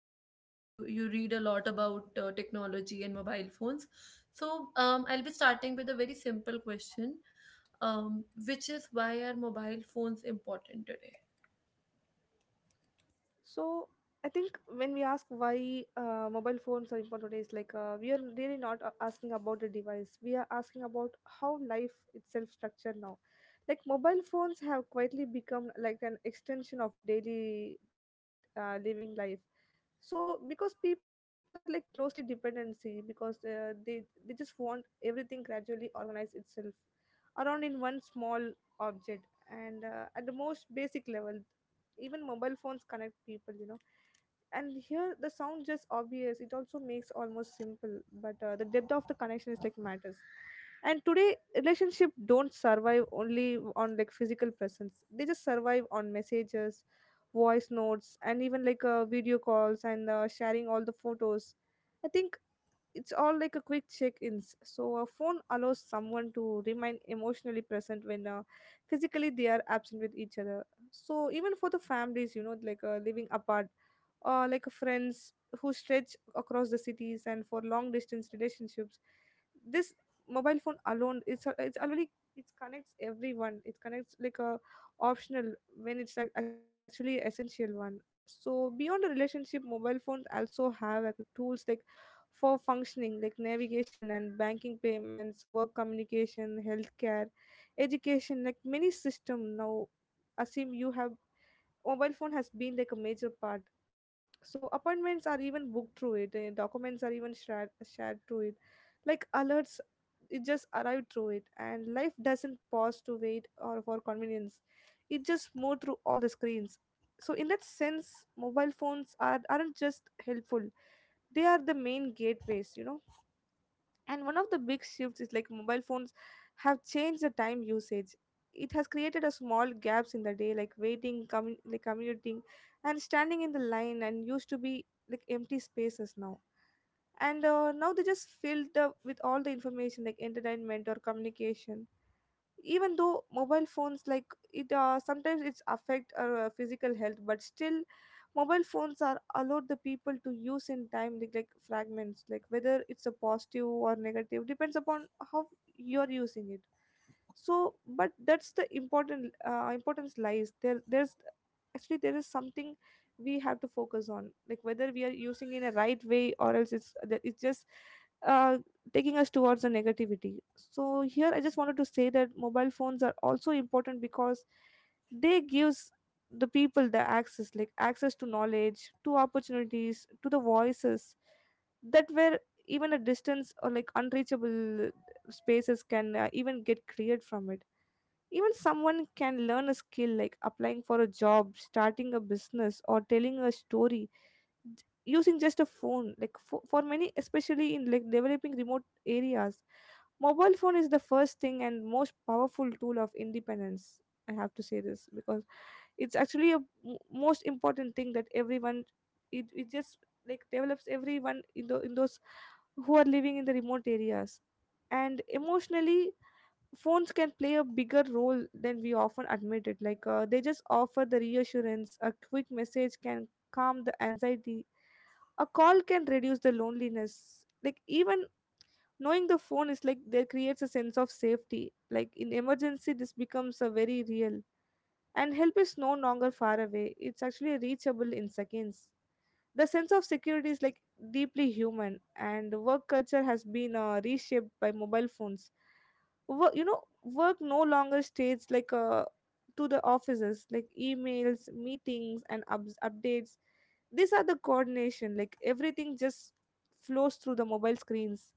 seen like you read a lot about technology and mobile phones. So I'll be starting with a very simple question, which is, why are mobile phones important today? So, I think when we ask why mobile phones are important today, it's like we are really not asking about the device. We are asking about how life itself structured now. Like mobile phones have quietly become like an extension of daily living life so because people are like closely dependency because they just want everything gradually organize itself around in one small object and at the most basic level even mobile phones connect people, you know, and here the sound just obvious it also makes almost simple but the depth of the connection is like matters. And today relationship don't survive only on like physical presence, they just survive on messages, voice notes, and even like video calls and sharing all the photos. I think it's all like a quick check-ins, so a phone allows someone to remain emotionally present when physically they are absent with each other. So even for the families, you know, like living apart or like friends who stretch across the cities and for long distance relationships, this mobile phone alone it's already, it connects everyone, it connects like a optional when it's like actually essential one. So beyond the relationship mobile phones also have like tools, like for functioning, like navigation and banking, payments, work communication, healthcare, education, like many system now assume you have mobile phone has been like a major part. So appointments are even booked through it, and documents are even shared through it, like alerts, it just arrived through it, and life doesn't pause to wait or for convenience, it just moved through all the screens. So in that sense mobile phones are aren't just helpful, they are the main gateways, you know. And one of the big shifts is like mobile phones have changed the time usage. It has created a small gaps in the day, like waiting, like commuting, and standing in the line, and used to be like empty spaces now. And now they just filled up with all the information, like entertainment or communication. Even though mobile phones like it sometimes it's affect our physical health, but still mobile phones are allowed the people to use in time like fragments, like whether it's a positive or negative depends upon how you're using it. So but that's the important importance lies there, there's actually there is something we have to focus on, like whether we are using in a right way or else it's that it's just uh, taking us towards the negativity. So here I just wanted to say that mobile phones are also important because they gives the people the access, like access to knowledge, to opportunities, to the voices that were even a distance or like unreachable. Spaces can even get cleared from it, even someone can learn a skill like applying for a job, starting a business, or telling a story, using just a phone, like for many especially in like developing remote areas mobile phone is the first thing and most powerful tool of independence. I have to say this because it's actually most important thing that everyone it just like develops everyone in, the, in those who are living in the remote areas. And emotionally phones can play a bigger role than we often admit it, like they just offer the reassurance, a quick message can calm the anxiety, a call can reduce the loneliness, like even knowing the phone is like there creates a sense of safety, like in emergency this becomes a very real and help is no longer far away, it's actually reachable in seconds. The sense of security is like deeply human, and work culture has been reshaped by mobile phones. Work, you know, work no longer stays like to the offices, like emails, meetings, and updates, these are the coordination, like everything just flows through the mobile screens.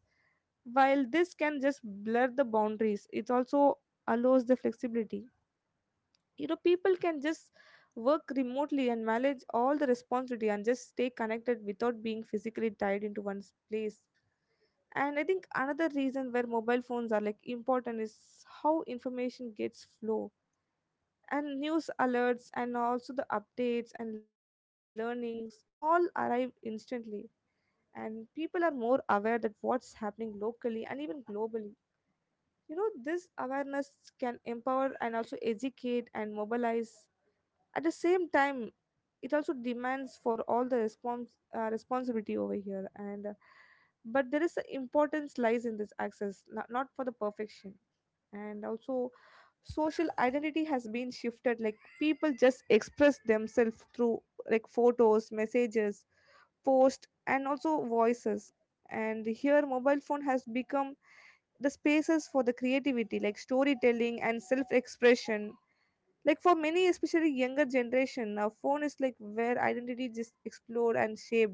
While this can just blur the boundaries, it also allows the flexibility, you know, people can just work remotely and manage all the responsibility and just stay connected without being physically tied into one's place. And I think another reason where mobile phones are like important is how information gets flow, and news alerts and also the updates and learnings all arrive instantly, and people are more aware that what's happening locally and even globally. You know this awareness can empower and also educate and mobilize. At the same time, it also demands for all the responsibility over here, and but there is a importance lies in this access, not for the perfection. And also social identity has been shifted, like people just express themselves through like photos, messages, post, and also voices, and here mobile phone has become the spaces for the creativity, like storytelling and self expression, like for many, especially younger generation, now phone is like where identity just explored and shaped.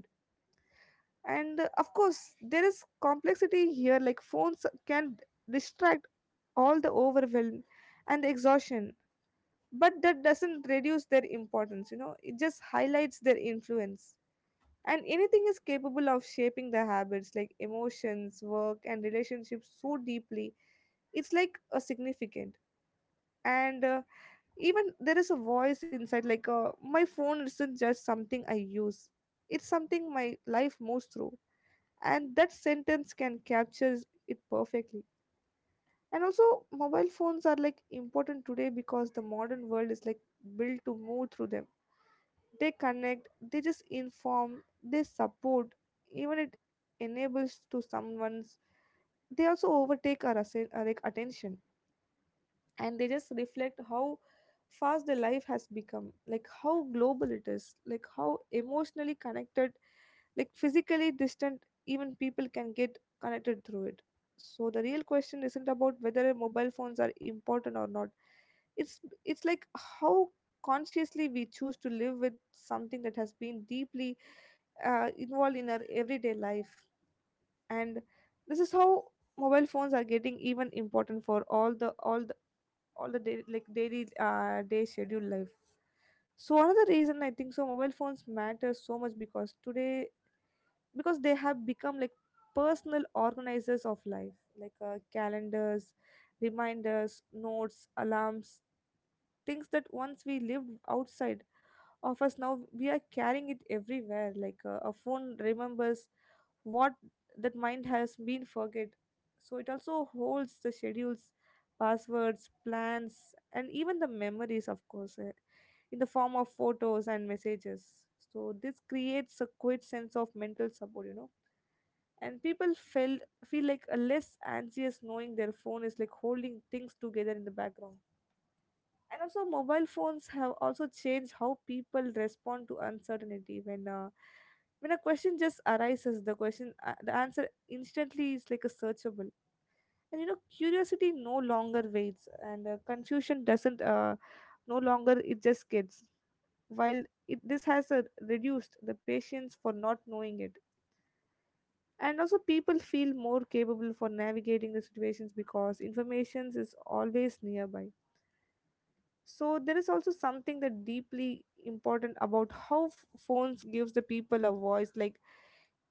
And of course, there is complexity here. Like phones can distract, all the overwhelm and the exhaustion, but that doesn't reduce their importance. You know, it just highlights their influence. And anything is capable of shaping the habits, like emotions, work, and relationships so deeply it's like a significant. And even there is a voice inside, like my phone isn't just something I use, it's something my life moves through, and that sentence can capture it perfectly. And also mobile phones are like important today because the modern world is like built to move through them. They connect, they just inform, they support, even it enables to someone's, they also overtake our, our like attention. And they just reflect how fast the life has become, like how global it is, like how emotionally connected, like physically distant even people can get connected through it. So the real question isn't about whether mobile phones are important or not, it's like how consciously we choose to live with something that has been deeply involved in our everyday life. And this is how mobile phones are getting even important for all the day, like daily day schedule life. So another reason I think so mobile phones matter so much because today, because they have become like personal organizers of life, like calendars, reminders, notes, alarms, things that once we lived outside of us now we are carrying it everywhere. Like a phone remembers what that mind has been forget, so it also holds the schedules, passwords, plans, and even the memories, of course in the form of photos and messages. So this creates a quick sense of mental support, you know, and people feel like a less anxious knowing their phone is like holding things together in the background. And also mobile phones have also changed how people respond to uncertainty when a question just arises, the question the answer instantly is like a searchable. And you know curiosity no longer waits, and confusion doesn't no longer it just gets, while it, this has reduced the patience for not knowing it. And also people feel more capable for navigating the situations because information is always nearby. So there is also something that deeply important about how phones gives the people a voice, like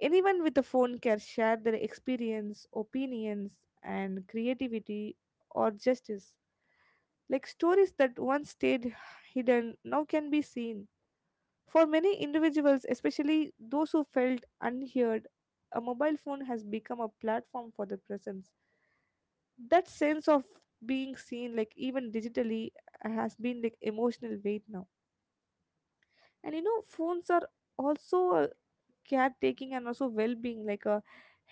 anyone with a phone can share their experience, opinions, and creativity, or justice, like stories that once stayed hidden now can be seen. For many individuals, especially those who felt unheard, a mobile phone has become a platform for the presence. That sense of being seen, like even digitally, has been like emotional weight now. And you know phones are also caretaking and also well-being, like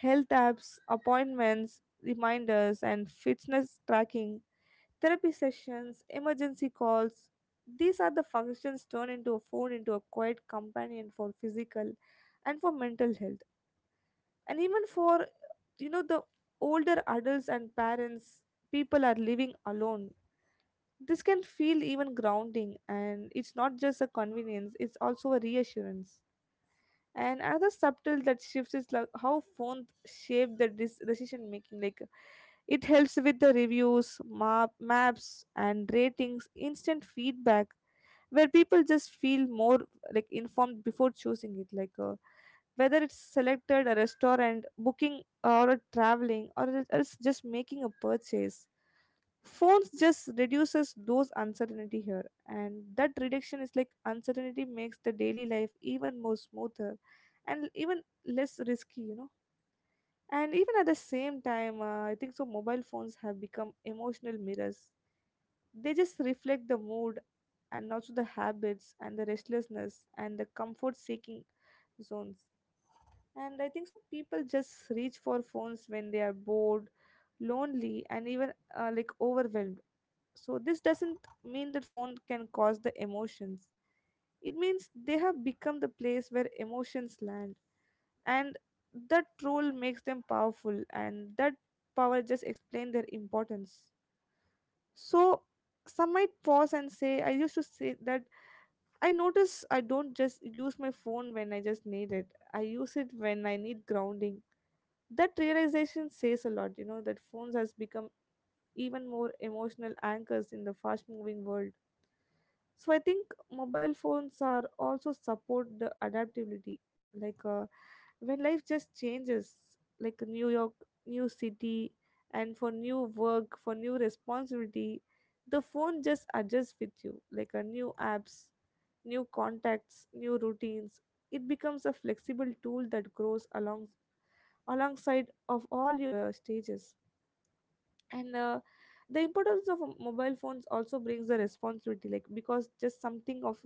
health apps, appointments, reminders, and fitness tracking, therapy sessions, emergency calls, these are the functions turned into a phone into a quiet companion for physical and for mental health. And even for, you know, the older adults and parents, people are living alone, this can feel even grounding, and it's not just a convenience, it's also a reassurance. And another subtle that shifts is like how phones shape the decision making, like it helps with the reviews, maps, and ratings, instant feedback, where people just feel more like informed before choosing it, like whether it's selected a restaurant booking or traveling or it's just making a purchase. Phones just reduces those uncertainty here, and that reduction is like uncertainty makes the daily life even more smoother and even less risky, you know. And even at the same time I think so mobile phones have become emotional mirrors, they just reflect the mood and Also the habits and the restlessness and the comfort seeking zones. And I think so people just reach for phones when they are bored, lonely, and even like overwhelmed. So this doesn't mean that phone can cause the emotions. It means they have become the place where emotions land. And that role makes them powerful, and that power just explain their importance. So some might pause and say, I used to say that I notice I don't just use my phone when I just need it. I use it when I need grounding. That realization says a lot, you know, that phones has become even more emotional anchors in the fast moving world. So I think mobile phones are also support the adaptability, like when life just changes, like New York, new city, and for new work, for new responsibility. The phone just adjusts with you like a new apps, new contacts, new routines. It becomes a flexible tool that grows along alongside of all your stages. And The importance of a mobile phones also brings the responsibility, like because just something of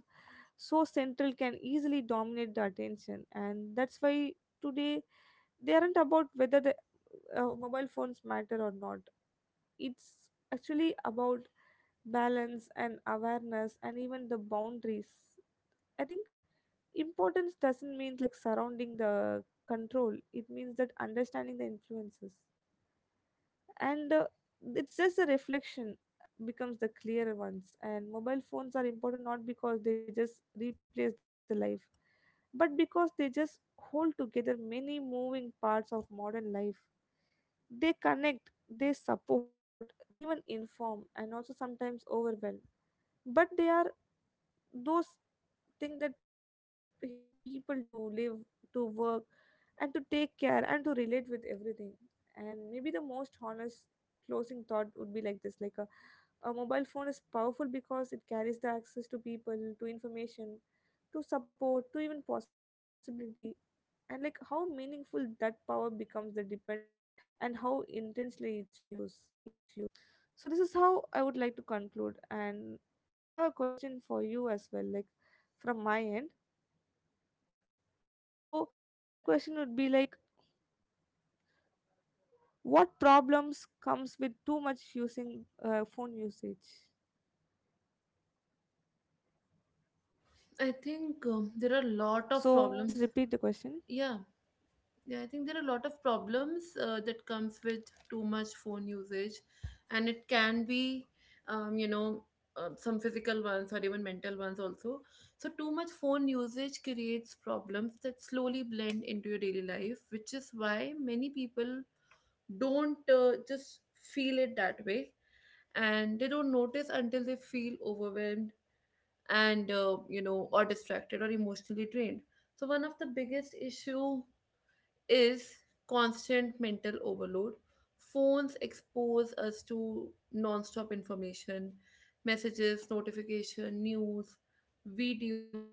so central can easily dominate the attention, and that's why today they aren't about whether the mobile phones matter or not. It's actually about balance and awareness and even the boundaries. I think importance doesn't mean like surrounding the control, it means that understanding the influences. And It's just the reflection becomes the clearer ones, and mobile phones are important not because they just replace the life, but because they just hold together many moving parts of modern life. They connect, they support, they even inform, and also sometimes overwhelm. But they are those thing that help people to live, to work, and to take care, and to relate with everything. And maybe the most honest closing thought would be like this, like a mobile phone is powerful because it carries the access to people, to information, to support, to even possibility. And like how meaningful that power becomes the depend and how intensely it's used. So this is how I would like to conclude, and I have a question for you as well, like from my end. So my question would be like, what problems comes with too much using phone usage? I think there are a lot of So I'll problems. just repeat the question. Yeah. Yeah, I think there are a lot of problems that comes with too much phone usage, and it can be, you know, some physical ones or even mental ones also. So too much phone usage creates problems that slowly blend into your daily life, which is why many people don't just feel it that way, and they don't notice until they feel overwhelmed and you know, or distracted or emotionally drained. So one of the biggest issue is constant mental overload. Phones expose us to non-stop information, messages, notification, news, videos,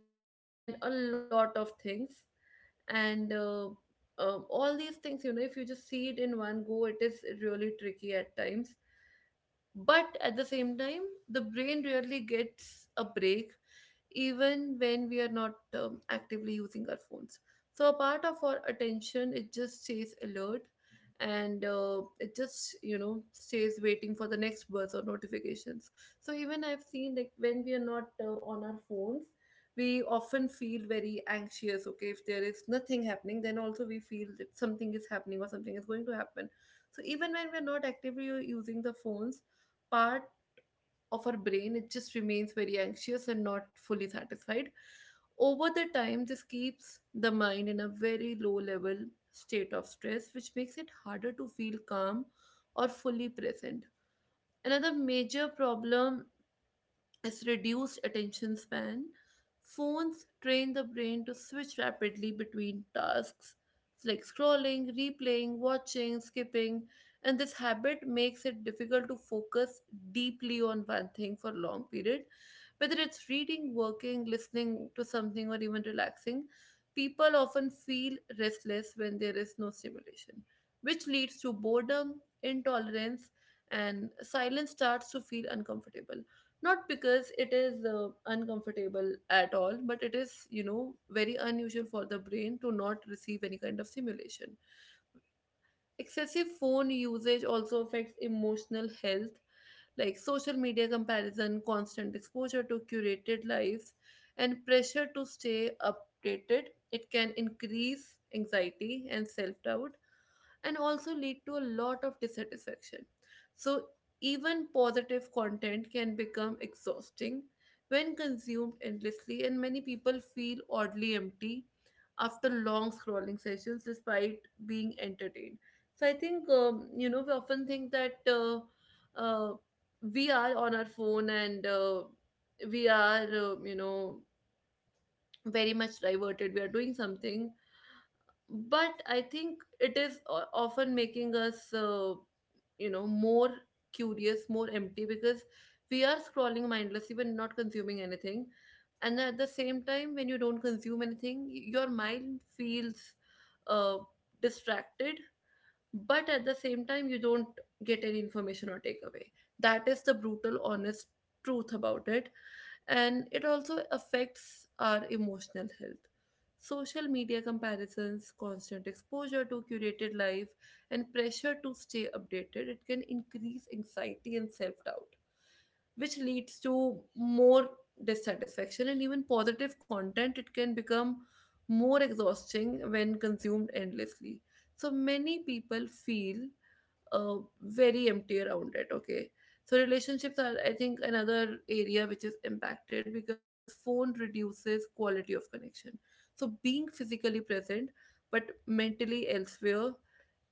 and a lot of things. And All these things, you know, if you just see it in one go, it is really tricky at times, but at the same time the brain really gets a break even when we are not actively using our phones. So a part of our attention, it just stays alert and it just, you know, stays waiting for the next buzz or notifications. So even I've seen, like when we are not on our phones, we often feel very anxious. Okay, if there is nothing happening then also we feel that something is happening or something is going to happen. So even when we're not actively using the phones, part of our brain, it just remains very anxious and not fully satisfied. Over the time this keeps the mind in a very low level state of stress, which makes it harder to feel calm or fully present. Another major problem is reduced attention span. Phones train the brain to switch rapidly between tasks. It's like scrolling, replaying, watching, skipping, and this habit makes it difficult to focus deeply on one thing for long period. Whether it's reading, working, listening to something, or even relaxing, people often feel restless when there is no stimulation, which leads to boredom, intolerance, and silence starts to feel uncomfortable. Not because it is uncomfortable at all, but it is, you know, very unusual for the brain to not receive any kind of stimulation. Excessive phone usage also affects emotional health, like social media comparison, constant exposure to curated lives, and pressure to stay updated. It can increase anxiety and self doubt and also lead to a lot of dissatisfaction. So, even positive content can become exhausting when consumed endlessly, and many people feel oddly empty after long scrolling sessions despite being entertained. So, I think, you know, we often think that uh, we are on our phone, and we are, you know, very much diverted, we are doing something, but I think it is often making us you know, more curious, more empty, because we are scrolling mindlessly when not consuming anything. And at the same time, when you don't consume anything, your mind feels uh, distracted, but at the same time you don't get any information or takeaway. That is the brutal honest truth about it. And it also affects our emotional health. Social media comparisons, constant exposure to curated life, and pressure to stay updated, it can increase anxiety and self doubt, which leads to more dissatisfaction, and even positive content, it can become more exhausting when consumed endlessly. So many people feel uh, very empty around it. Okay, so relationships are, I think, another area which is impacted, because phone reduces quality of connection. So being physically present but mentally elsewhere,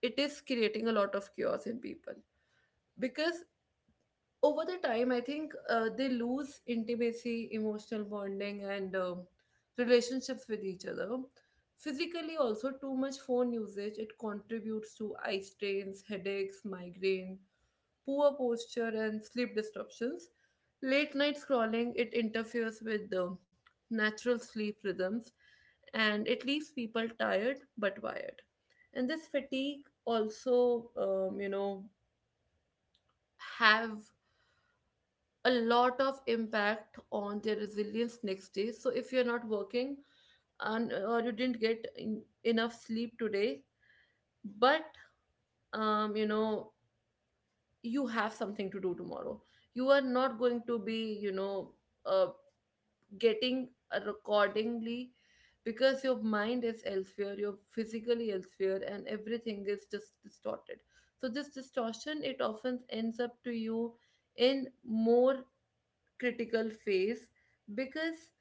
it is creating a lot of chaos in people, because over the time, I think they lose intimacy, emotional bonding, and relationships with each other. Physically also, too much phone usage, it contributes to eye strains, headaches, migraine, poor posture, and sleep disruptions. Late night scrolling, it interferes with the natural sleep rhythms, and it leaves people tired but wired. And this fatigue also, you know, have a lot of impact on their resilience next day. So if you're not working and or you didn't get enough sleep today, but you know, you have something to do tomorrow, you are not going to be, you know, uh, getting accordingly, because your mind is elsewhere, you're physically elsewhere, and everything is just distorted. So this distortion, it often ends up to you in more critical phase, because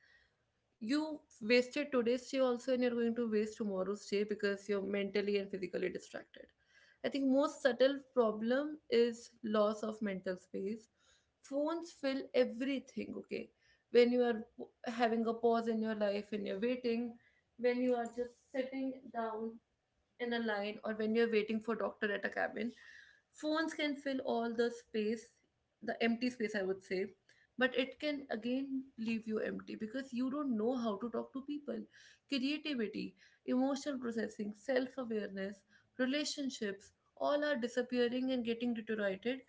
you wasted today's day also, and you're going to waste tomorrow's day because you're mentally and physically distracted. I think most subtle problem is loss of mental space. Phones fill everything. Okay, when you are having a pause in your life, when you're waiting, when you are just sitting down in a line, or when you're waiting for doctor at a cabin, phones can fill all the space, the empty space, I would say. But it can again leave you empty, because you don't know how to talk to people. Creativity, emotional processing, self-awareness, relationships, all are disappearing and getting deteriorated.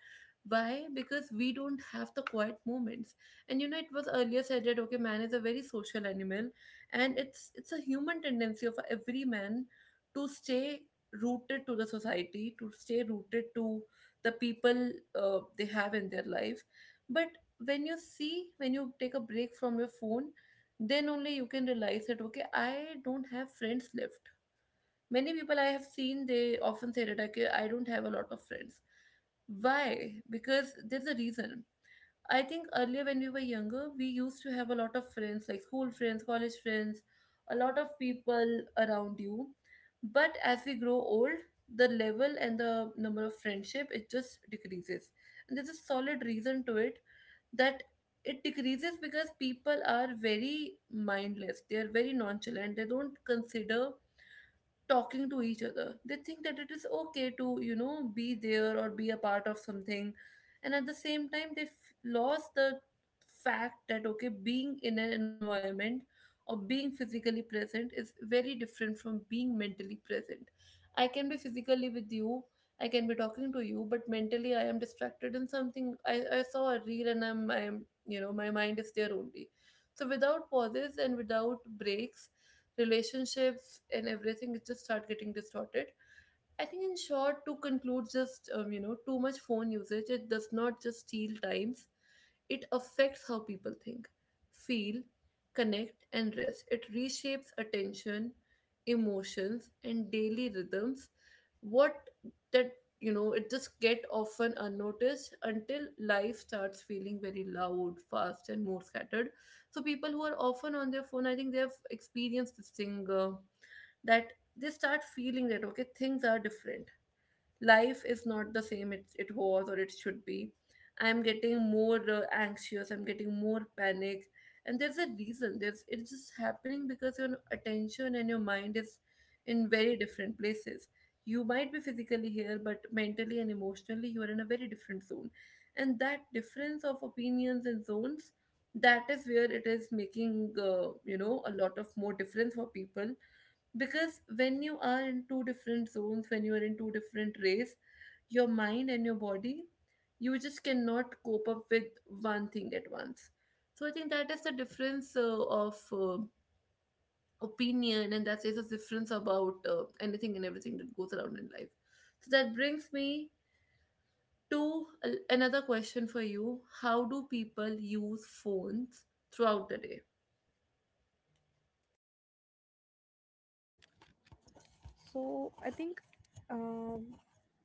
Why? Because we don't have the quiet moments. And you know, it was earlier said that, okay, man is a very social animal, and it's a human tendency of every man to stay rooted to the society, to stay rooted to the people they have in their life. But when you see, when you take a break from your phone, then only you can realize that, okay, I don't have friends left. Many people I have seen, they often say that, okay, I don't have a lot of friends. Why? Because there's a reason. I think earlier when we were younger, we used to have a lot of friends, like school friends, college friends, a lot of people around you. But as we grow old, the level and the number of friendship, it just decreases. And there's a solid reason to it, that it decreases because people are very mindless. They are very nonchalant. They don't consider talking to each other. They think that it is okay to, you know, be there or be a part of something. And at the same time, they lost the fact that, okay, being in an environment or being physically present is very different from being mentally present. I can be physically with you, I can be talking to you, but mentally I am distracted in something. I saw a reel, and you know, my mind is there only. So without pauses and without breaks, relationships and everything just start getting distorted. I think, in short, to conclude, just you know, too much phone usage, it does not just steal times; it affects how people think, feel, connect, and rest. It reshapes attention, emotions, and daily rhythms. What that, you know, it just get often unnoticed until life starts feeling very loud, fast, and more scattered. So people who are often on their phone, I think they have experienced this thing. That they start feeling that, okay, things are different, life is not the same, it was, or it should be. I'm getting more anxious, I'm getting more panic. And there's a reason, there's it's just happening because your attention and your mind is in very different places. You might be physically here, but mentally and emotionally you are in a very different zone. And that difference of opinions and zones, that is where it is making you know, a lot of more difference for people. Because when you are in two different zones, when you are in two different race, your mind and your body, you just cannot cope up with one thing at once. So I think that is the difference of opinion, and that is the difference about anything and everything that goes around in life. So that brings me to another question for you: how do people use phones throughout the day? So I think, um,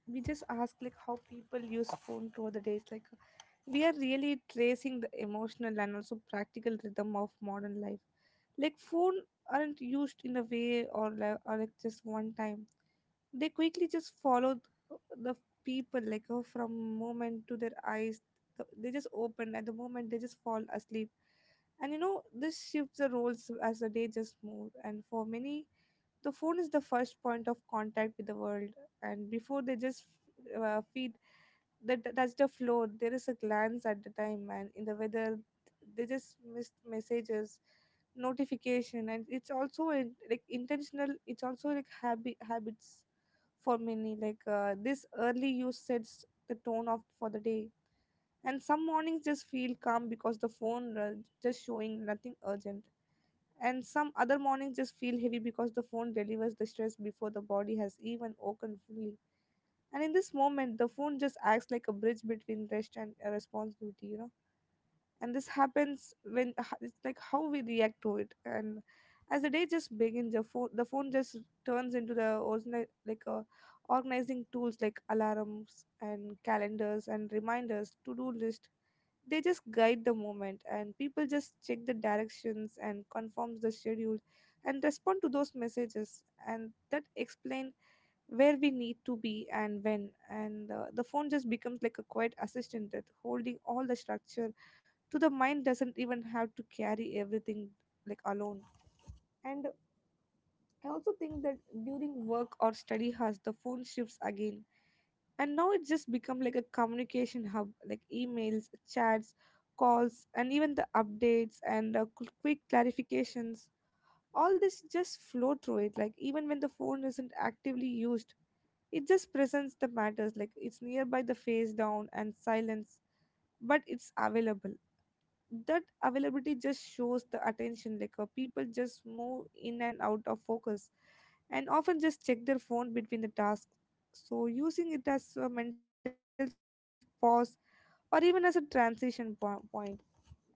we just ask like how people use phone through the days, like we are really tracing the emotional and also practical rhythm of modern life. Like phone aren't used in a way or like just one time. They quickly just follow uh, the people like, oh, from moment to their eyes they just open at the moment they just fall asleep. And you know this shifts the roles as the day just move, and for many the phone is the first point of contact with the world. And before they just feed that touch the floor, there is a glance at the time and in the weather. They just missed messages, notification, and it's also in, like intentional, it's also like habits. For many, like this early use sets the tone of for the day. And some mornings just feel calm because the phone just showing nothing urgent, and some other mornings just feel heavy because the phone delivers the stress before the body has even woken fully. And in this moment, the phone just acts like a bridge between rest and responsibility, you know. And this happens when it's like how we react to it. And as the day just begins, the phone just turns into the organi- like organizing tools, like alarms and calendars and reminders to do list. They just guide the moment, and people just check the directions and confirms the schedule and respond to those messages, and that explain where we need to be and when. And the phone just becomes like a quiet assistant that holding all the structure, so the mind doesn't even have to carry everything like alone. And I also think that during work or study has the phone shifts again, and now it's just become like a communication hub, like emails, chats, calls, and even the updates, and quick clarifications. All this just flow through it. Like even when the phone isn't actively used, it just presents the matters, like it's nearby, the face down and silence, but it's available. That availability just shows the attention. Like people just move in and out of focus and often just check their phone between the tasks, so using it as a mental pause or even as a point. And also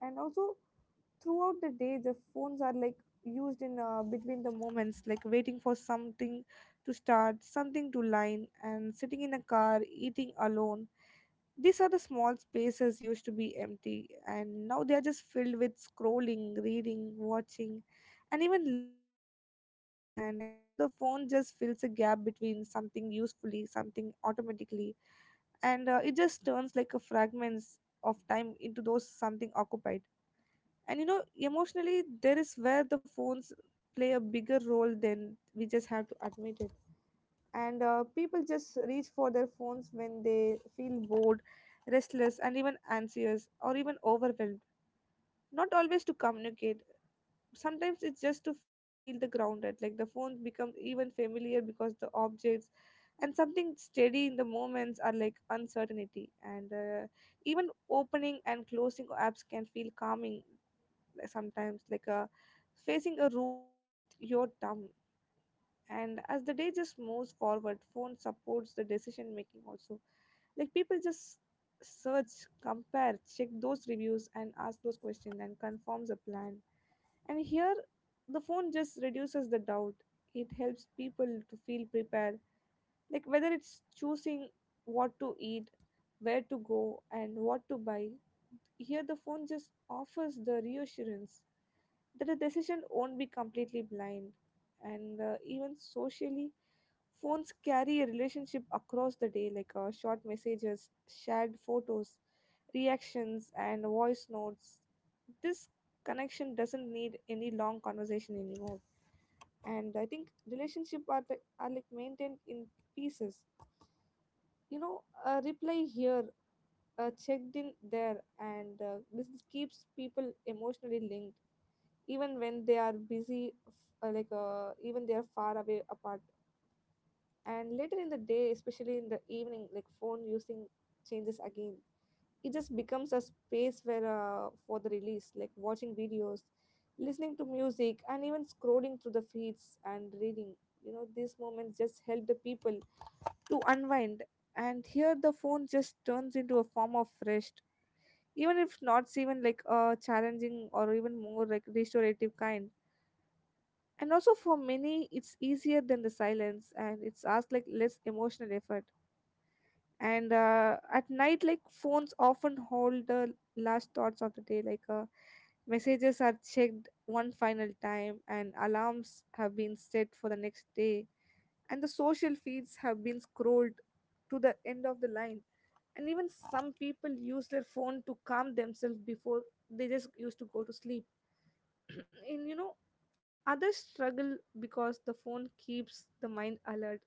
throughout the day, the phones are like used in between the moments, like waiting for something to start, something to line, and sitting in a car, eating alone. These are the small spaces used to be empty, and now they are just filled with scrolling, reading, watching, and even listening. And I think so, the phone just fills a gap between something usefully, something automatically, and it just turns like a fragments of time into those something occupied. And you know, emotionally, there is where the phones play a bigger role than we just have to admit it. And people just reach for their phones when they feel bored, restless, and even anxious or even overwhelmed. Not always to communicate, sometimes it's just to feel the grounded. Like the phones become even familiar because the objects and something steady in the moments are like uncertainty. And even opening and closing apps can feel calming, like sometimes like facing a room with your thumb. And as the day just moves forward, phone supports the decision making also. Like people just search, compare, check those reviews, and ask those questions, and confirms a plan. And here the phone just reduces the doubt, it helps people to feel prepared, like whether it's choosing what to eat, where to go, and what to buy. Here the phone just offers the reassurance that the decision won't be completely blind. And even socially, phones carry a relationship across the day, like short messages, shared photos, reactions, and voice notes. This connection doesn't need any long conversation anymore. And I think relationship are like maintained in pieces. You know, a reply here, a checked in there, and this keeps people emotionally linked even when they are busy f- like even they are far away apart. And later in the day, especially in the evening, like phone using changes again, it just becomes a space where for the release, like watching videos, listening to music, and even scrolling through the feeds and reading. You know, these moments just help the people to unwind, and here the phone just turns into a form of rest, even if not even like a challenging or even more like restorative kind. And also for many, it's easier than the silence and it's asked like less emotional effort. And at night, like phones often hold the last thoughts of the day, like messages are checked one final time, and alarms have been set for the next day, and the social feeds have been scrolled to the end of the line. And even some people use their phone to calm themselves before they just used to go to sleep. And you know, others struggle because the phone keeps the mind alert.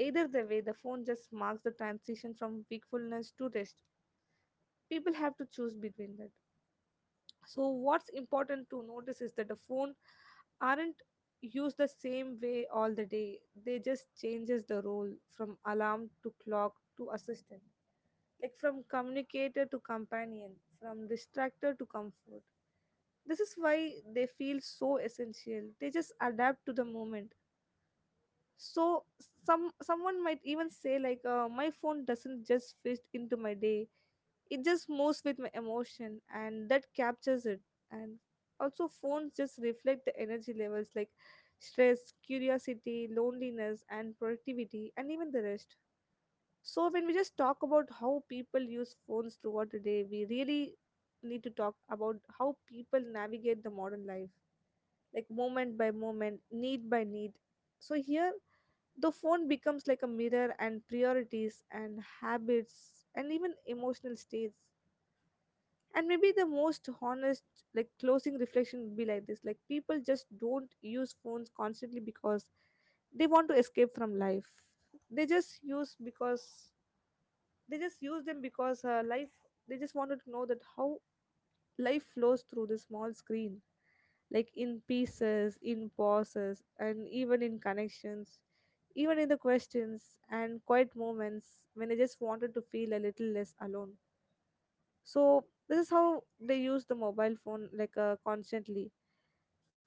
Either the way, the phone just marks the transition from wakefulness to rest. People have to choose between that. So what's important to notice is that the phone aren't used the same way all the day. They just changes the role from alarm to clock to assistant, like from communicator to companion, from distractor to comfort. This is why they feel so essential, they just adapt to the moment. So someone might even say, like my phone doesn't just fit into my day, it just moves with my emotion, and that captures it. And also phones just reflect the energy levels, like stress, curiosity, loneliness, and productivity, and even the rest. So when we just talk about how people use phones throughout the day, we really need to talk about how people navigate the modern life, like moment by moment, need by need. So here the phone becomes like a mirror and priorities and habits and even emotional states. And maybe the most honest like closing reflection would be like this, like people just don't use phones constantly because they want to escape from life. They just use because they just use them because life, they just wanted to know that how life flows through the small screen, like in pieces, in pauses, and even in connections, even in the questions and quiet moments when I just wanted to feel a little less alone. So, this is how they use the mobile phone like constantly,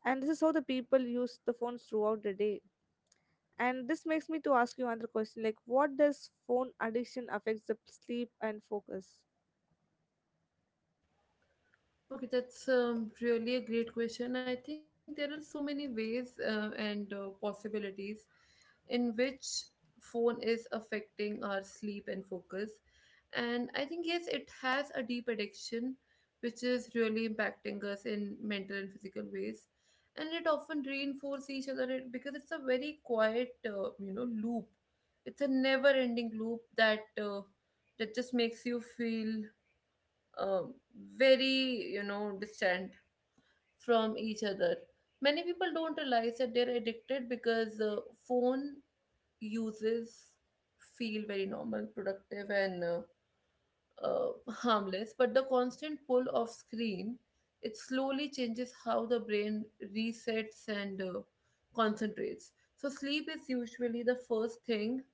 and this is how the people use the phones throughout the day. And this makes me to ask you another question like, what does phone addiction affects the sleep and focus? Okay, that's really a great question. I think there are so many ways and possibilities in which phone is affecting our sleep and focus. And I think, yes, it has a deep addiction, which is really impacting us in mental and physical ways. And it often reinforces each other because it's a very quiet, you know, loop. It's a never-ending loop that that just makes you feel um, very, you know, distant from each other. Many people don't realize that they're addicted because phone uses feel very normal, productive, and harmless, but the constant pull of screen, it slowly changes how the brain resets and concentrates. So sleep is usually the first thing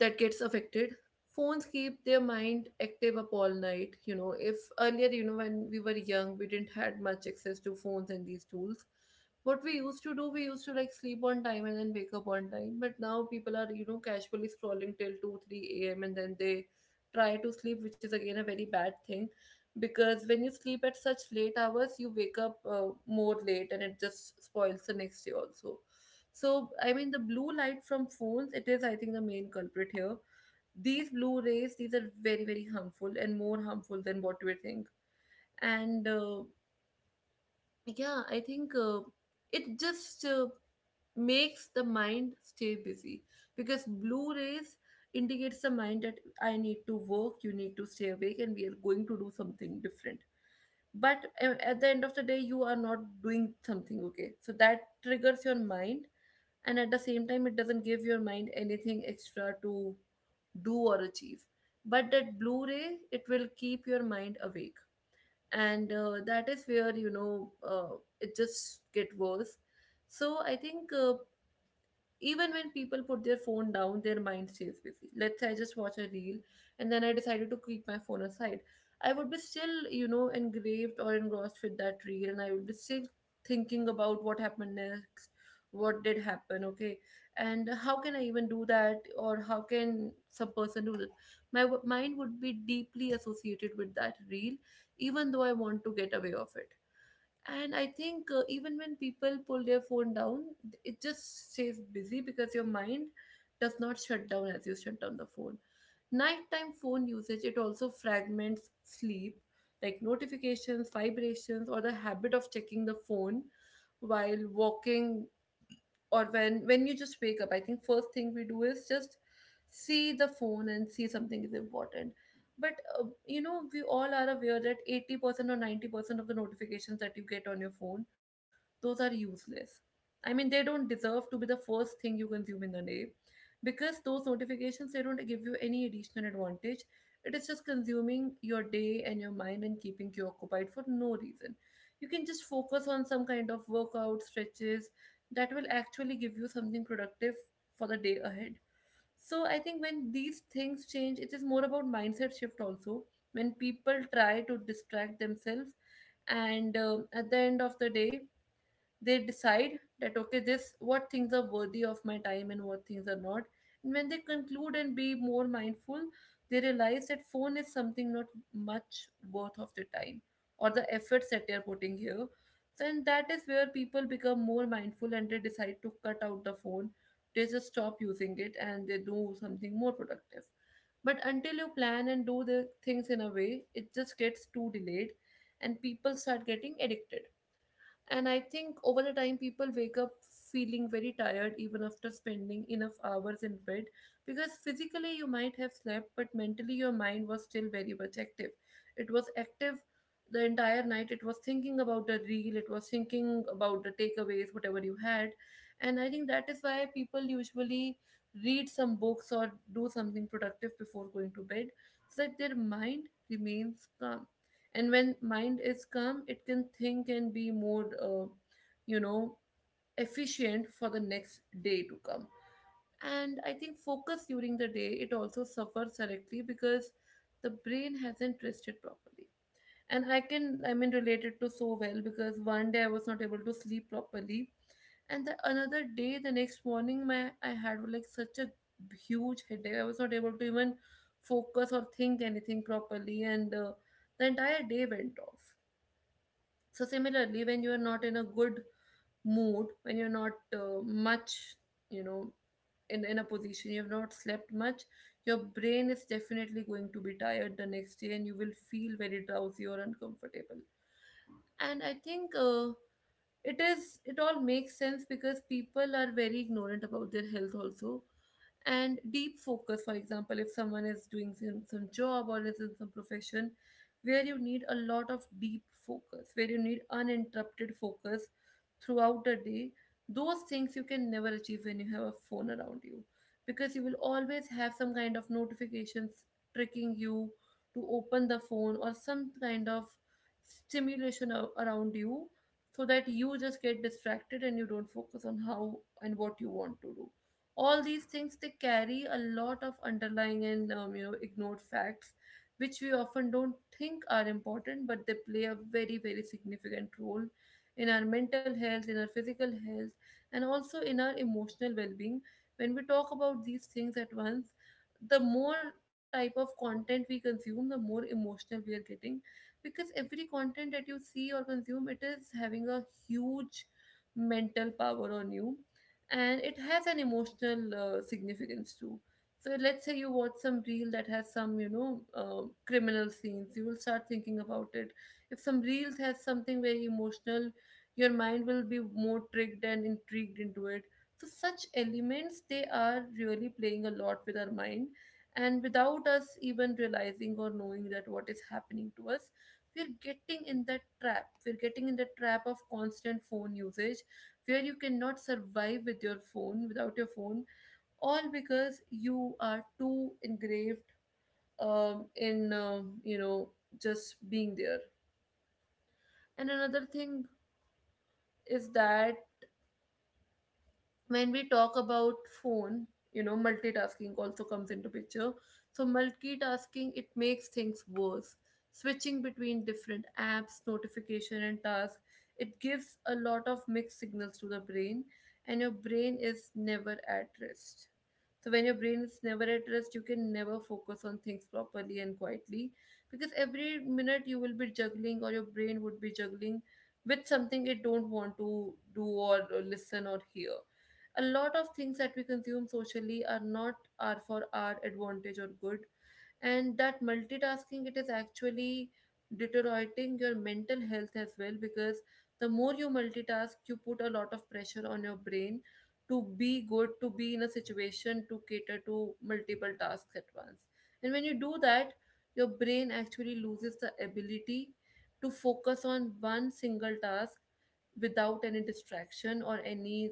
that gets affected. Phones keep their mind active up all night. You know, if earlier, you know, when we were young, we didn't had much access to phones and these tools. What we used to do, we used to like sleep on time and then wake up on time, but now people are, you know, casually scrolling till 2 or 3 a.m. and then they try to sleep, which is again a very bad thing, because when you sleep at such late hours you wake up more late and it just spoils the next day also. So, I mean, the blue light from phones, it is, I think, the main culprit here. These blue rays, these are very, very harmful and more harmful than what we think. And yeah, I think it just makes the mind stay busy, because blue rays indicates the mind that I need to work, you need to stay awake, and we are going to do something different, but at the end of the day you are not doing something, okay, so that triggers your mind. And at the same time it doesn't give your mind anything extra to do or achieve, but that blu-ray, it will keep your mind awake, and that is where, you know, it just get worse. So I think even when people put their phone down, their mind stays busy. Let's say I just watch a reel and then I decided to keep my phone aside. I would be still, you know, engraved or engrossed with that reel and I would be still thinking about what happened next, what did happen, okay, and how can I even do that or how can some person do that? My mind would be deeply associated with that reel, even though I want to get away of it. And I think even when people pull their phone down, it just stays busy because your mind does not shut down as you shut down the phone. Nighttime phone usage, it also fragments sleep, like notifications, vibrations, or the habit of checking the phone while walking, or when you just wake up. I think first thing we do is just see the phone and see something is important. But you know, we all are aware that 80% or 90% of the notifications that you get on your phone, those are useless. I mean, they don't deserve to be the first thing you consume in the day, because those notifications, they don't give you any additional advantage. It is just consuming your day and your mind and keeping you occupied for no reason. You can just focus on some kind of workout stretches that will actually give you something productive for the day ahead. So I think when these things change, it is more about mindset shift also. When people try to distract themselves, and at the end of the day, they decide that, okay, this what things are worthy of my time and what things are not. And when they conclude and be more mindful, they realize that phone is something not much worth of the time or the efforts that they are putting here. So, and that is where people become more mindful and they decide to cut out the phone. They just stop using it and they do something more productive. But until you plan and do the things in a way, it just gets too delayed and people start getting addicted. And I think over the time, people wake up feeling very tired even after spending enough hours in bed, because physically you might have slept but mentally your mind was still very much active. It was active the entire night. It was thinking about the reel, it was thinking about the takeaways, whatever you had. And I think that is why people usually read some books or do something productive before going to bed, so that their mind remains calm. And when mind is calm, it can think and be more you know, efficient for the next day to come. And I think focus during the day, it also suffers directly because the brain hasn't rested properly. And I can, I mean, relate it to so well because one day I was not able to sleep properly, and the another day, the next morning, my I had like such a huge headache, I was not able to even focus or think anything properly, and the entire day went off. So similarly when you are not in a good mood, when you're not much, you know, in a position, you have not slept much, your brain is definitely going to be tired the next day and you will feel very drowsy or uncomfortable. And I think it is, it all makes sense, because people are very ignorant about their health also. And deep focus, for example, if someone is doing some job or is in some profession where you need a lot of deep focus, where you need uninterrupted focus throughout the day, those things you can never achieve when you have a phone around you, because you will always have some kind of notifications tricking you to open the phone or some kind of stimulation around you, so that you just get distracted and you don't focus on how and what you want to do. All these things, they carry a lot of underlying and you know, ignored facts, which we often don't think are important, but they play a very, very significant role in our mental health, in our physical health, and also in our emotional well-being. When we talk about these things at once, the more type of content we consume, the more emotional we are getting, because every content that you see or consume, it is having a huge mental power on you, and it has an emotional significance too. So let's say you watch some reel that has some, you know, criminal scenes, you will start thinking about it. If some reels has something very emotional, your mind will be more tricked and intrigued into it. So such elements, they are really playing a lot with our mind, and without us even realizing or knowing that what is happening to us, we're getting in that trap, we're getting in the trap of constant phone usage, where you cannot survive with your phone, without your phone, all because you are too engraved in you know, just being there. And another thing is that when we talk about phone, you know, multitasking also comes into picture. So multitasking, it makes things worse. Switching between different apps, notification and task, it gives a lot of mixed signals to the brain, and your brain is never at rest. So when your brain is never at rest, you can never focus on things properly and quietly, because every minute you will be juggling, or your brain would be juggling with something it don't want to do or listen or hear. A lot of things that we consume socially are not, are for our advantage or good, and that multitasking, it is actually deteriorating your mental health as well, because the more you multitask, you put a lot of pressure on your brain to be good, to be in a situation to cater to multiple tasks at once. And when you do that, your brain actually loses the ability to focus on one single task without any distraction or any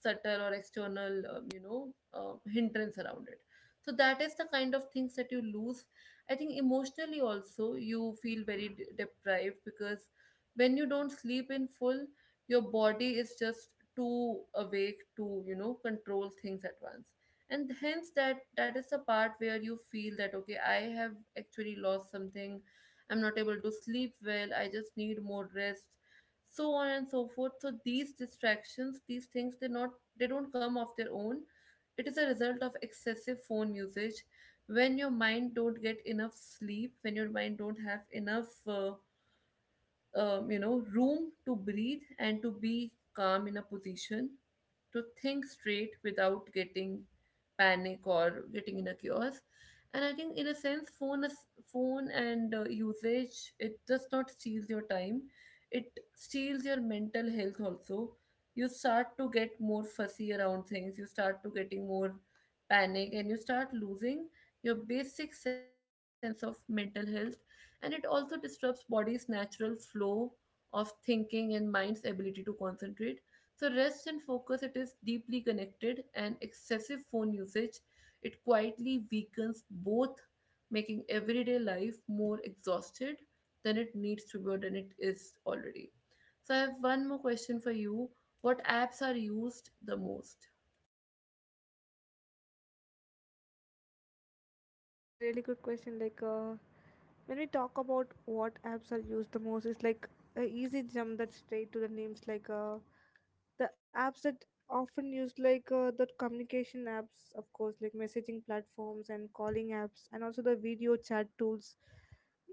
subtle or external you know, hindrance around it. So that is the kind of things that you lose. I think emotionally also you feel very deprived, because when you don't sleep in full, your body is just too awake to, you know, control things at once. And hence that is the part where you feel that, okay, I have actually lost something, I'm not able to sleep well, I just need more rest, so on and so forth. So these distractions, these things, they not, they don't come of their own, it is a result of excessive phone usage, when your mind don't get enough sleep, when your mind don't have enough you know, room to breathe and to be calm in a position to think straight without getting panic or getting in a chaos, and I think in a sense phone is, phone and usage, it does not steals your time, it steals your mental health also. You start to get more fussy around things, you start to getting more panic, and you start losing your basic sense of mental health. And it also disrupts body's natural flow of thinking and mind's ability to concentrate. So rest and focus, it is deeply connected, and excessive phone usage, it quietly weakens both, making everyday life more exhausted than it needs to be or than it is already. So I have one more question for you: what apps are used the most? That's a really good question. Like, when we talk about what apps are used the most, it's like an easy jump that straight to the names. Like, the apps that often used, like the communication apps, of course, like messaging platforms and calling apps, and also the video chat tools.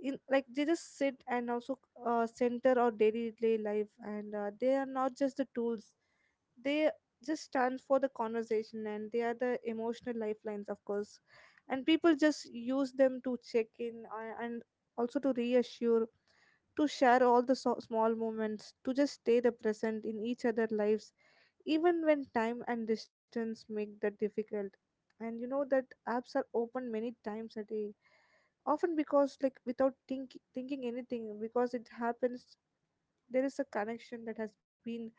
In like they just sit and also center our daily life, and they are not just the tools, they just stand for the conversation and they are the emotional lifelines, of course. And people just use them to check in, and also to reassure, to share all the small moments, to just stay the present in each other's lives even when time and distance make that difficult. And you know that apps are open many times a day, often because like without thinking anything, because it happens. There is a connection that has been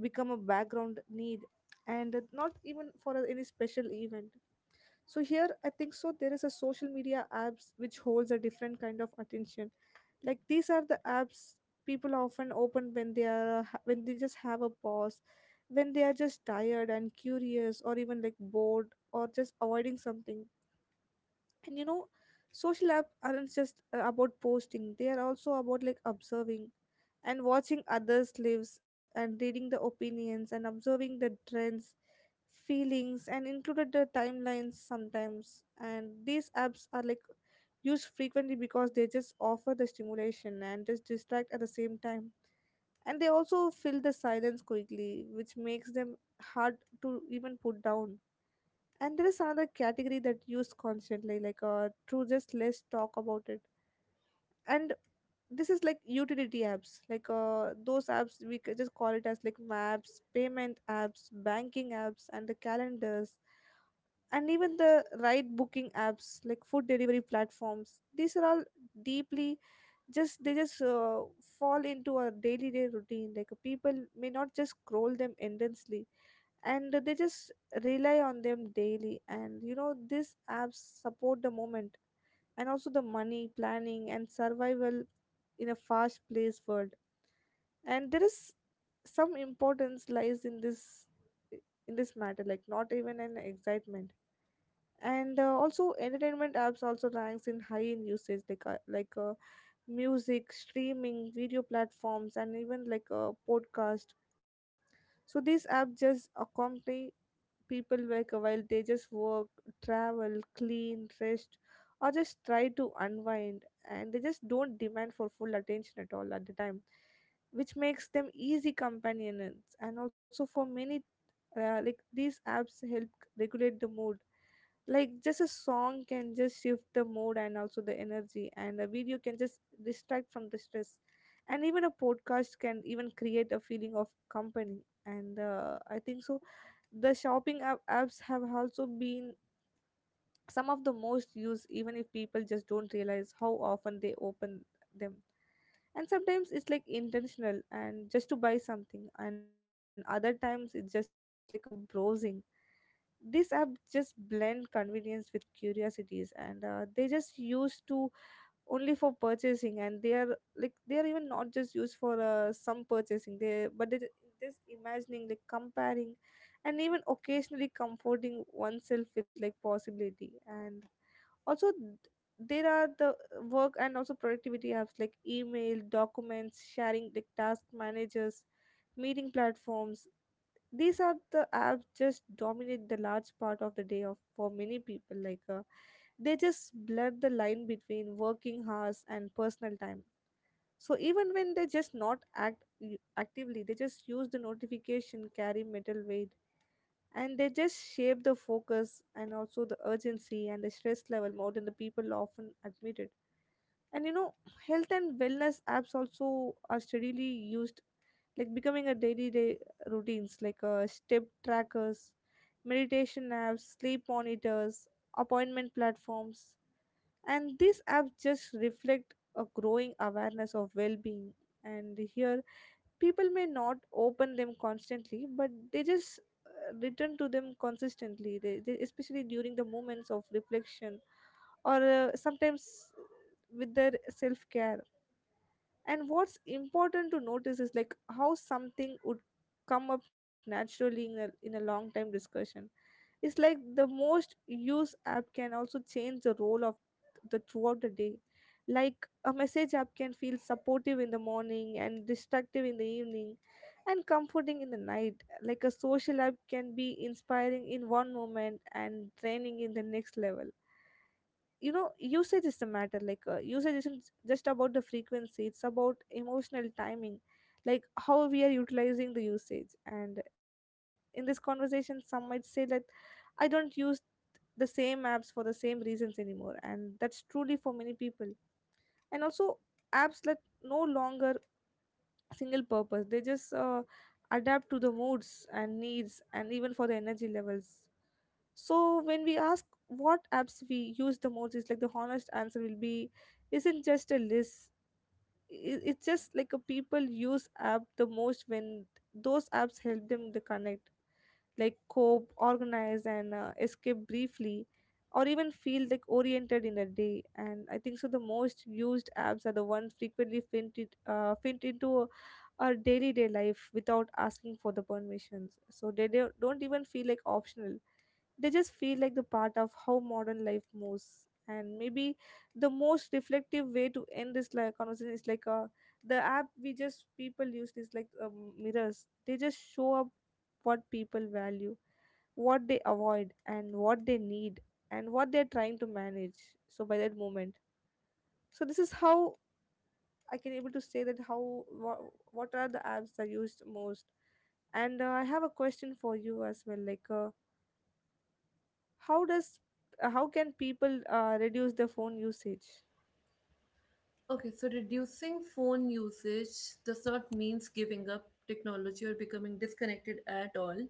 become a background need, and not even for any special event. So here I think, so there is a social media apps which holds a different kind of attention. Like, these are the apps people often open when they are when they just have a pause, when they are just tired and curious, or even like bored, or just avoiding something. And you know, social app aren't just about posting, they are also about like observing and watching others' lives and reading the opinions and observing the trends, feelings, and included the timelines sometimes. And these apps are like used frequently because they just offer the stimulation and just distract at the same time. And they also fill the silence quickly, which makes them hard to even put down. And there is another category that used constantly, like through just less talk about it. And this is like utility apps like those apps we could just call it as like maps, payment apps, banking apps, and the calendars, and even the ride booking apps like food delivery platforms. These are all deeply just they just fall into our daily day routine. Like people may not just scroll them endlessly, and they just rely on them daily. And you know, these apps support the moment and also the money planning and survival in a fast paced world. And there is some importance lies in this matter, like not even an excitement. And also entertainment apps also ranks in high in usage, like music streaming, video platforms, and even like a podcast. So these apps just accompany people like while they just work, travel, clean, rest, or just try to unwind. And they just don't demand for full attention at all at the time, which makes them easy companions. And also for many, like these apps help regulate the mood. Like just a song can just shift the mood and also the energy, and a video can just distract from the stress, and even a podcast can even create a feeling of company. And I think so, the shopping apps have also been some of the most used, even if people just don't realize how often they open them. And sometimes it's like intentional and just to buy something, and other times it's just like a browsing. These app just blend convenience with curiosities, and they just used to only for purchasing, and they are like they are even not just used for some purchasing they, but they, this imagining like comparing and even occasionally comforting oneself with like possibility. And also there are the work and also productivity apps like email, documents sharing, like task managers, meeting platforms. These are the apps just dominate the large part of the day of for many people. Like they just blurred the line between working hours and personal time. So even when they just not actively, they just use the notification carry metal weight, and they just shape the focus and also the urgency and the stress level more than the people often admit it. And you know, health and wellness apps also are steadily used, like becoming a daily day routines, like step trackers, meditation apps, sleep monitors, appointment platforms. And these apps just reflect a growing awareness of well-being. And here people may not open them constantly, but they just return to them consistently, they especially during the moments of reflection or sometimes with their self-care. And what's important to notice is like how something would come up naturally in in a long time discussion. It's like the most used app can also change the role of the throughout the day. Like a message app can feel supportive in the morning and destructive in the evening and comforting in the night. Like a social app can be inspiring in one moment and draining in the next level. You know, usage is the matter. Like usage isn't just about the frequency, it's about emotional timing. Like how we are utilizing the usage. And in this conversation some might say that I don't use the same apps for the same reasons anymore, and that's truly for many people. And also apps that no longer single purpose, they just adapt to the moods and needs and even for the energy levels. So when we ask what apps we use the most, is like the honest answer will be isn't just a list. It's just like a people use app the most when those apps help them to connect, like cope, organize, and escape briefly, or even feel like oriented in a day. And I think so. The most used apps are the ones frequently fit into our daily day life without asking for the permissions. So they don't even feel like optional, they just feel like the part of how modern life moves. And maybe the most reflective way to end this like conversation is like the app we just people use is like mirrors, they just show up what people value, what they avoid, and what they need, and what they're trying to manage. So by that moment, so this is how I can able to say that how what are the apps that are used most. And I have a question for you as well, like how does how can people reduce their phone usage? Okay, so reducing phone usage does not mean giving up technology or becoming disconnected at all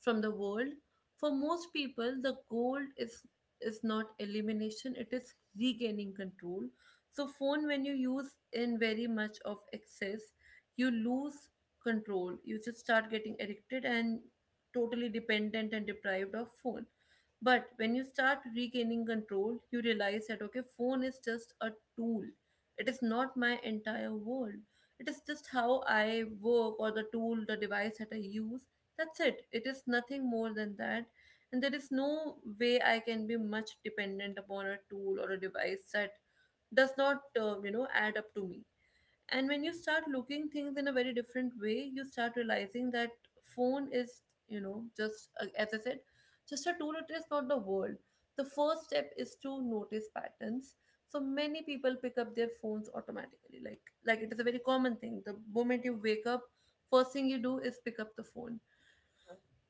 from the world. For most people, the goal is not elimination, it is regaining control. So phone, when you use in very much of excess, you lose control. You just start getting addicted and totally dependent and deprived of phone. But when you start regaining control, you realize that okay, phone is just a tool, it is not my entire world. It is just how I work, or the tool, the device that I use. That's it. It is nothing more than that. And there is no way I can be much dependent upon a tool or a device that does not, you know, add up to me. And when you start looking things in a very different way, you start realizing that phone is, you know, just as I said, just a tool, it is not the world. The first step is to notice patterns. So many people pick up their phones automatically, like it is a very common thing. The moment you wake up, first thing you do is pick up the phone.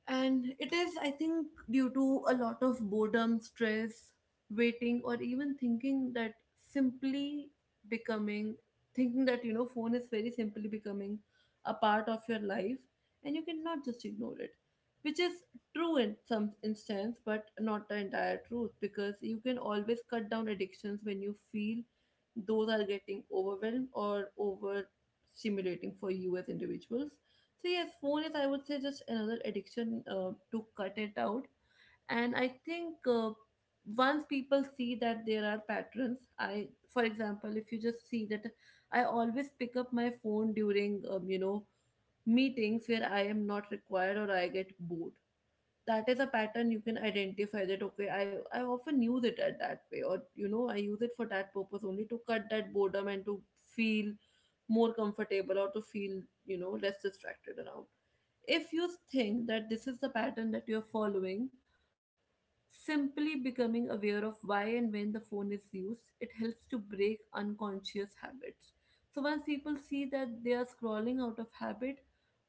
And it is, I think, due to a lot of boredom, stress, waiting, or even thinking that simply becoming, thinking that, you know, phone is very simply becoming a part of your life and you cannot just ignore it, which is true in some instance, but not the entire truth, because you can always cut down addictions when you feel those are getting overwhelmed or overstimulating for you as individuals. So yes, phone is, I would say, just another addiction to cut it out. And I think once people see that there are patterns, I for example, if you just see that I always pick up my phone during you know, meetings where I am not required or I get bored, that is a pattern. You can identify that okay, I often use it at that way, or you know, I use it for that purpose only, to cut that boredom and to feel more comfortable, or to feel, you know, less distracted around. If you think that this is the pattern that you're following, simply becoming aware of why and when the phone is used, it helps to break unconscious habits. So once people see that they are scrolling out of habit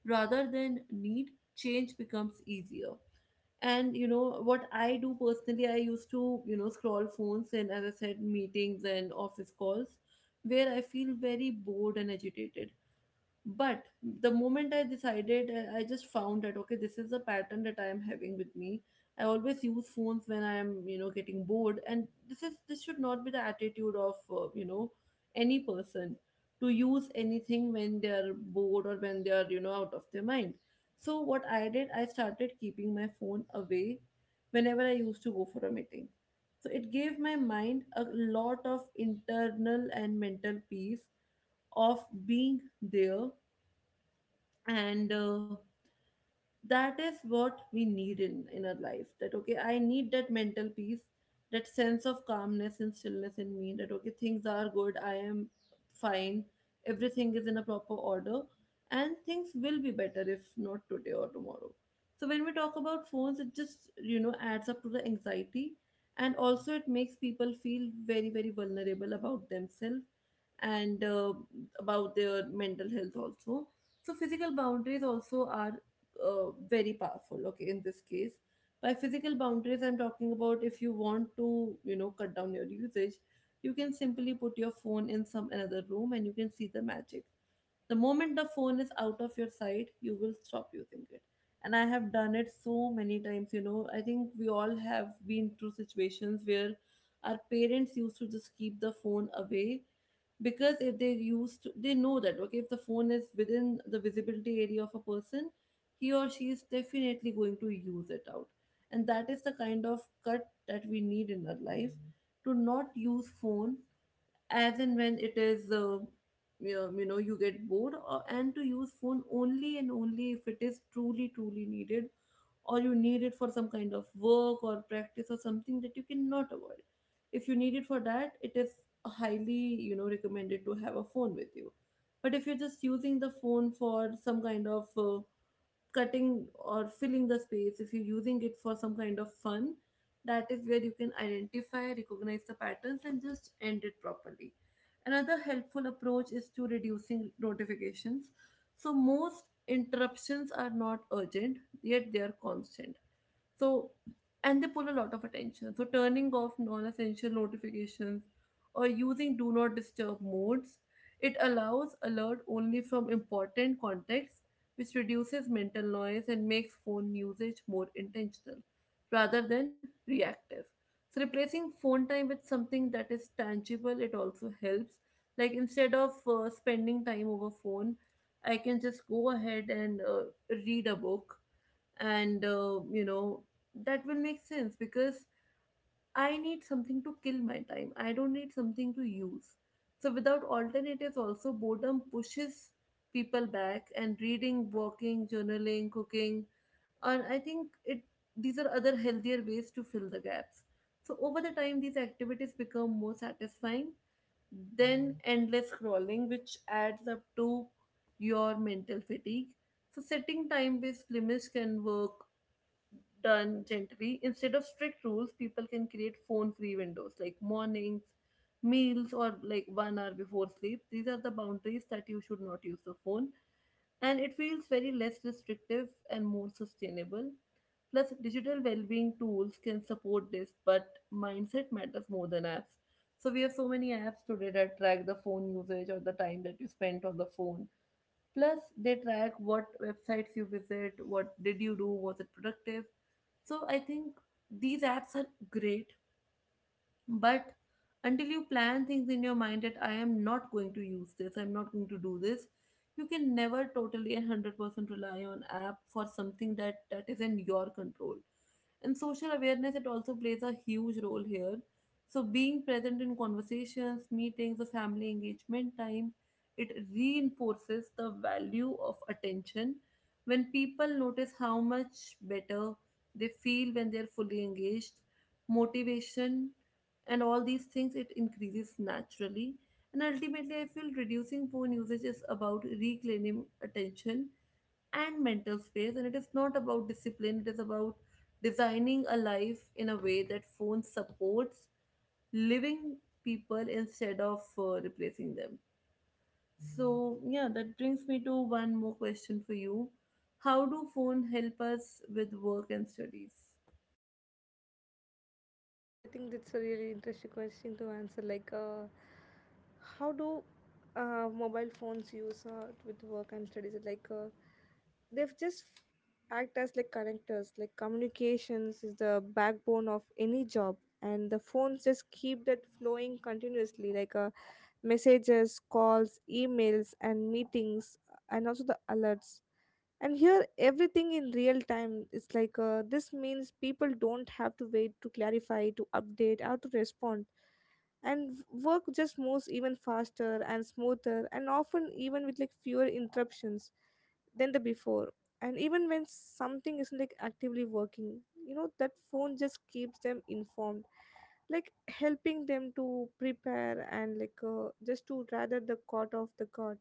rather than need, change becomes easier. And you know what I do personally, I used to, you know, scroll phones, and as I said, meetings and office calls where I feel very bored and agitated. But the moment I decided, I just found that okay, this is a pattern that I am having with me. I always use phones when I am, you know, getting bored, and this should not be the attitude of you know, any person to use anything when they are bored or when they are, you know, out of their mind. So what I did, I started keeping my phone away whenever I used to go for a meeting. So it gave my mind a lot of internal and mental peace of being there. And that is what we need in our life, that okay, I need that mental peace, that sense of calmness and stillness in me, that okay, things are good, I am fine, everything is in a proper order, and things will be better if not today or tomorrow. So when we talk about phones, it just, you know, adds up to the anxiety, and also it makes people feel very very vulnerable about themselves and about their mental health also. So physical boundaries also are very powerful, okay, in this case. By physical boundaries, I'm talking about, if you want to, you know, cut down your usage, you can simply put your phone in some another room and you can see the magic. The moment the phone is out of your sight, you will stop using it. And I have done it so many times. You know, I think we all have been through situations where our parents used to just keep the phone away, because if they used to, they know that okay, if the phone is within the visibility area of a person, he or she is definitely going to use it out. And that is the kind of cut that we need in our life, to not use phone as and when it is you know, you get bored or, and to use phone only and only if it is truly truly needed, or you need it for some kind of work or practice or something that you cannot avoid. If you need it for that, it is highly, you know, recommended to have a phone with you. But if you're just using the phone for some kind of cutting or filling the space, if you're using it for some kind of fun, that is where you can identify, recognize the patterns, and just end it properly. Another helpful approach is to reducing notifications. So, most interruptions are not urgent, yet they are constant. So, and they pull a lot of attention. So, turning off non essential notifications or using do not disturb modes, it allows alert only from important contexts, which reduces mental noise and makes phone usage more intentional rather than reactive. So, replacing phone time with something that is tangible, it also helps. Like, instead of spending time over phone, I can just go ahead and read a book. And you know, that will make sense, because I need something to kill my time, I don't need something to use. So without alternatives also, boredom pushes people back, and reading, walking, journaling, cooking, and I think it, these are other healthier ways to fill the gaps. So over the time, these activities become more satisfying than endless scrolling, which adds up to your mental fatigue. So setting time based limits can work done gently. Instead of strict rules, people can create phone free windows like mornings, meals, or like 1 hour before sleep. These are the boundaries that you should not use the phone. And it feels very less restrictive and more sustainable. Plus, digital well being tools can support this, but mindset matters more than apps. So, we have so many apps today that track the phone usage or the time that you spent on the phone. Plus, they track what websites you visit, what did you do, was it productive, so I think these apps are great, but until you plan things in your mind that I am not going to use this, I'm not going to do this, you can never totally and 100% rely on app for something that that is in your control. And social awareness, it also plays a huge role here. So being present in conversations, meetings, the family engagement time, it reinforces the value of attention. When people notice how much better they feel when they're fully engaged, motivation and all these things, it increases naturally. And ultimately I feel reducing phone usage is about reclaiming attention and mental space, and it is not about discipline, it is about designing a life in a way that phone supports living people instead of replacing them. So yeah, that brings me to one more question for you: how do phone help us with work and studies? Oh, I think that's a really interesting question to answer. Like, how do mobile phones use with work and studies? Like, they've just act as like connectors. Like, communications is the backbone of any job, and the phones just keep that flowing continuously. Like, messages, calls, emails, and meetings, and also the alerts. And here everything in real time, it's like this means people don't have to wait to clarify, to update, or to respond. And work just moves even faster and smoother, and often even with like fewer interruptions than the before. And even when something isn't like actively working, you know that phone just keeps them informed, like helping them to prepare and like just to rather the caught off the guard.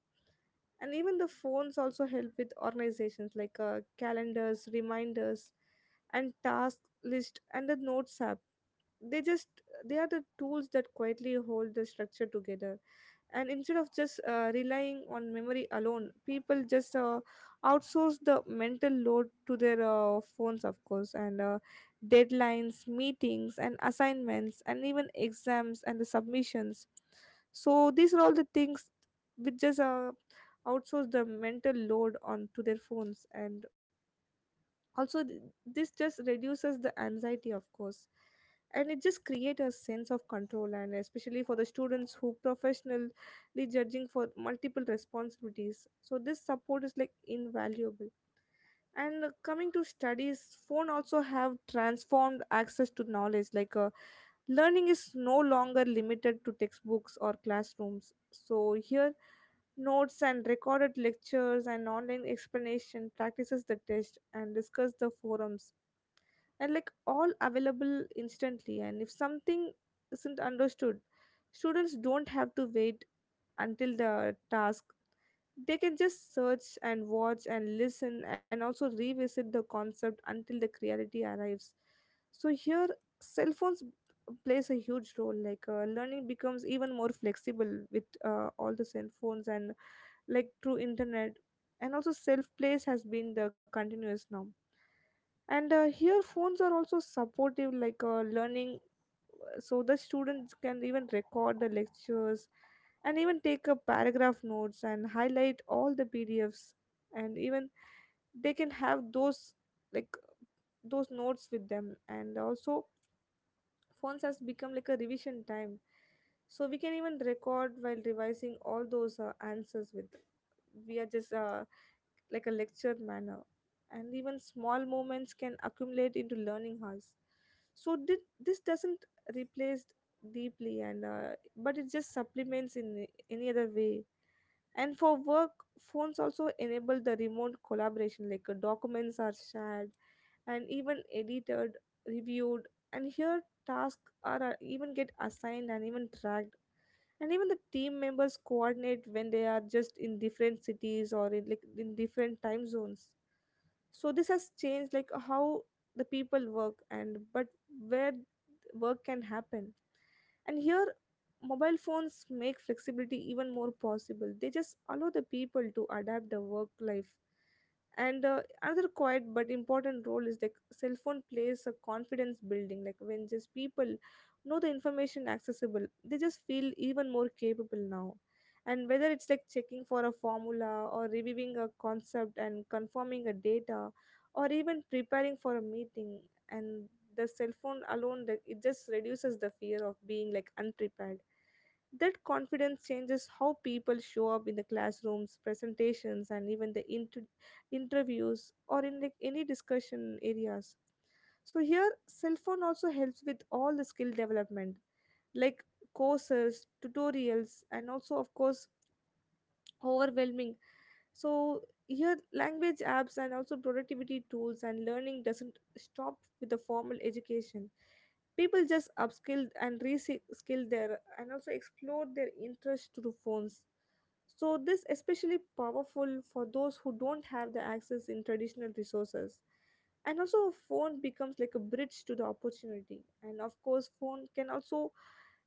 And even the phones also help with organizations like calendars, reminders, and task list, and the notes app. They just they are the tools that quietly hold the structure together. And instead of just relying on memory alone, people just outsource the mental load to their phones, of course. And deadlines, meetings, and assignments, and even exams and the submissions, so these are all the things which just outsource the mental load onto their phones. And also this just reduces the anxiety, of course, and it just creates a sense of control, and especially for the students who professionally judging for multiple responsibilities, so this support is like invaluable. And coming to studies, phone also have transformed access to knowledge. Like learning is no longer limited to textbooks or classrooms. So here notes and recorded lectures and online explanation practices, the test and discuss the forums, and like all available instantly. And if something isn't understood, students don't have to wait until the task, they can just search and watch and listen and also revisit the concept until the clarity arrives. So here cell phones plays a huge role. Like learning becomes even more flexible with all the cell phones and like through internet. And also self place has been the continuous norm. And here phones are also supportive, like learning. So the students can even record the lectures and even take up paragraph notes and highlight all the PDFs, and even they can have those like those notes with them. And also phones has become like a revision time, so we can even record while revising all those answers with we are just like a lecture manner. And even small moments can accumulate into learning hours. So this doesn't replace deeply, and but it just supplements in any other way. And for work, phones also enable the remote collaboration. Like documents are shared and even edited, reviewed. And here tasks are even get assigned and even tracked. And even the team members coordinate when they are just in different cities or in like in different time zones. So this has changed like how the people work, and but where work can happen. And here mobile phones make flexibility even more possible, they just allow the people to adapt the work life. And another quiet but important role is like cell phone plays a confidence building. Like when just people know the information accessible, they just feel even more capable now. And whether it's like checking for a formula or reviewing a concept and confirming a data, or even preparing for a meeting, and the cell phone alone, like, it just reduces the fear of being like unprepared. That confidence changes how people show up in the classrooms, presentations, and even the interviews or in like any discussion areas. So here cell phone also helps with all the skill development, like courses, tutorials, and also of course overwhelming. So here language apps and also productivity tools, and learning doesn't stop with the formal education. People just upskill and reskill their and also explore their interest through phones. So this especially powerful for those who don't have the access in traditional resources. And also a phone becomes like a bridge to the opportunity. And of course phone can also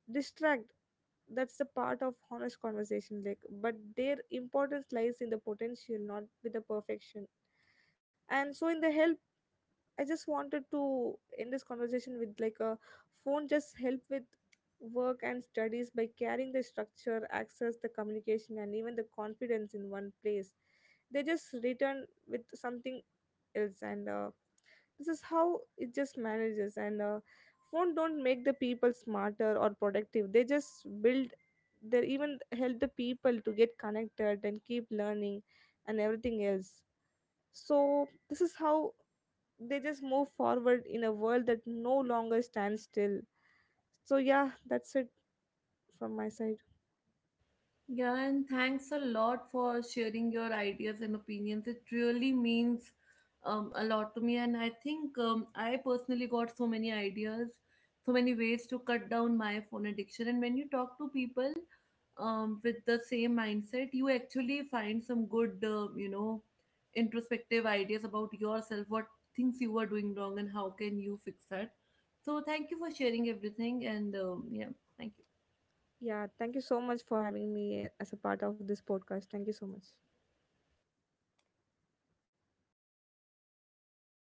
distract, that's the part of honest conversation like, but their importance lies in the potential, not with the perfection. And so in the help, I just wanted to end this conversation with like a phone just help with work and studies by carrying the structure, access the communication, and even the confidence in one place. They just return with something else. And this is how it just manages. And phone don't make the people smarter or productive, they just build, they even help the people to get connected and keep learning and everything else. So this is how they just move forward in a world that no longer stands still. So yeah, that's it from my side. Yeah, and thanks a lot for sharing your ideas and opinions. It really means a lot to me. And I think I personally got so many ideas, so many ways to cut down my phone addiction. And when you talk to people with the same mindset, you actually find some good, you know, introspective ideas about yourself, what things you were doing wrong, and how can you fix that. So thank you for sharing everything. And yeah, thank you. Yeah, thank you so much for having me as a part of this podcast. Thank you so much.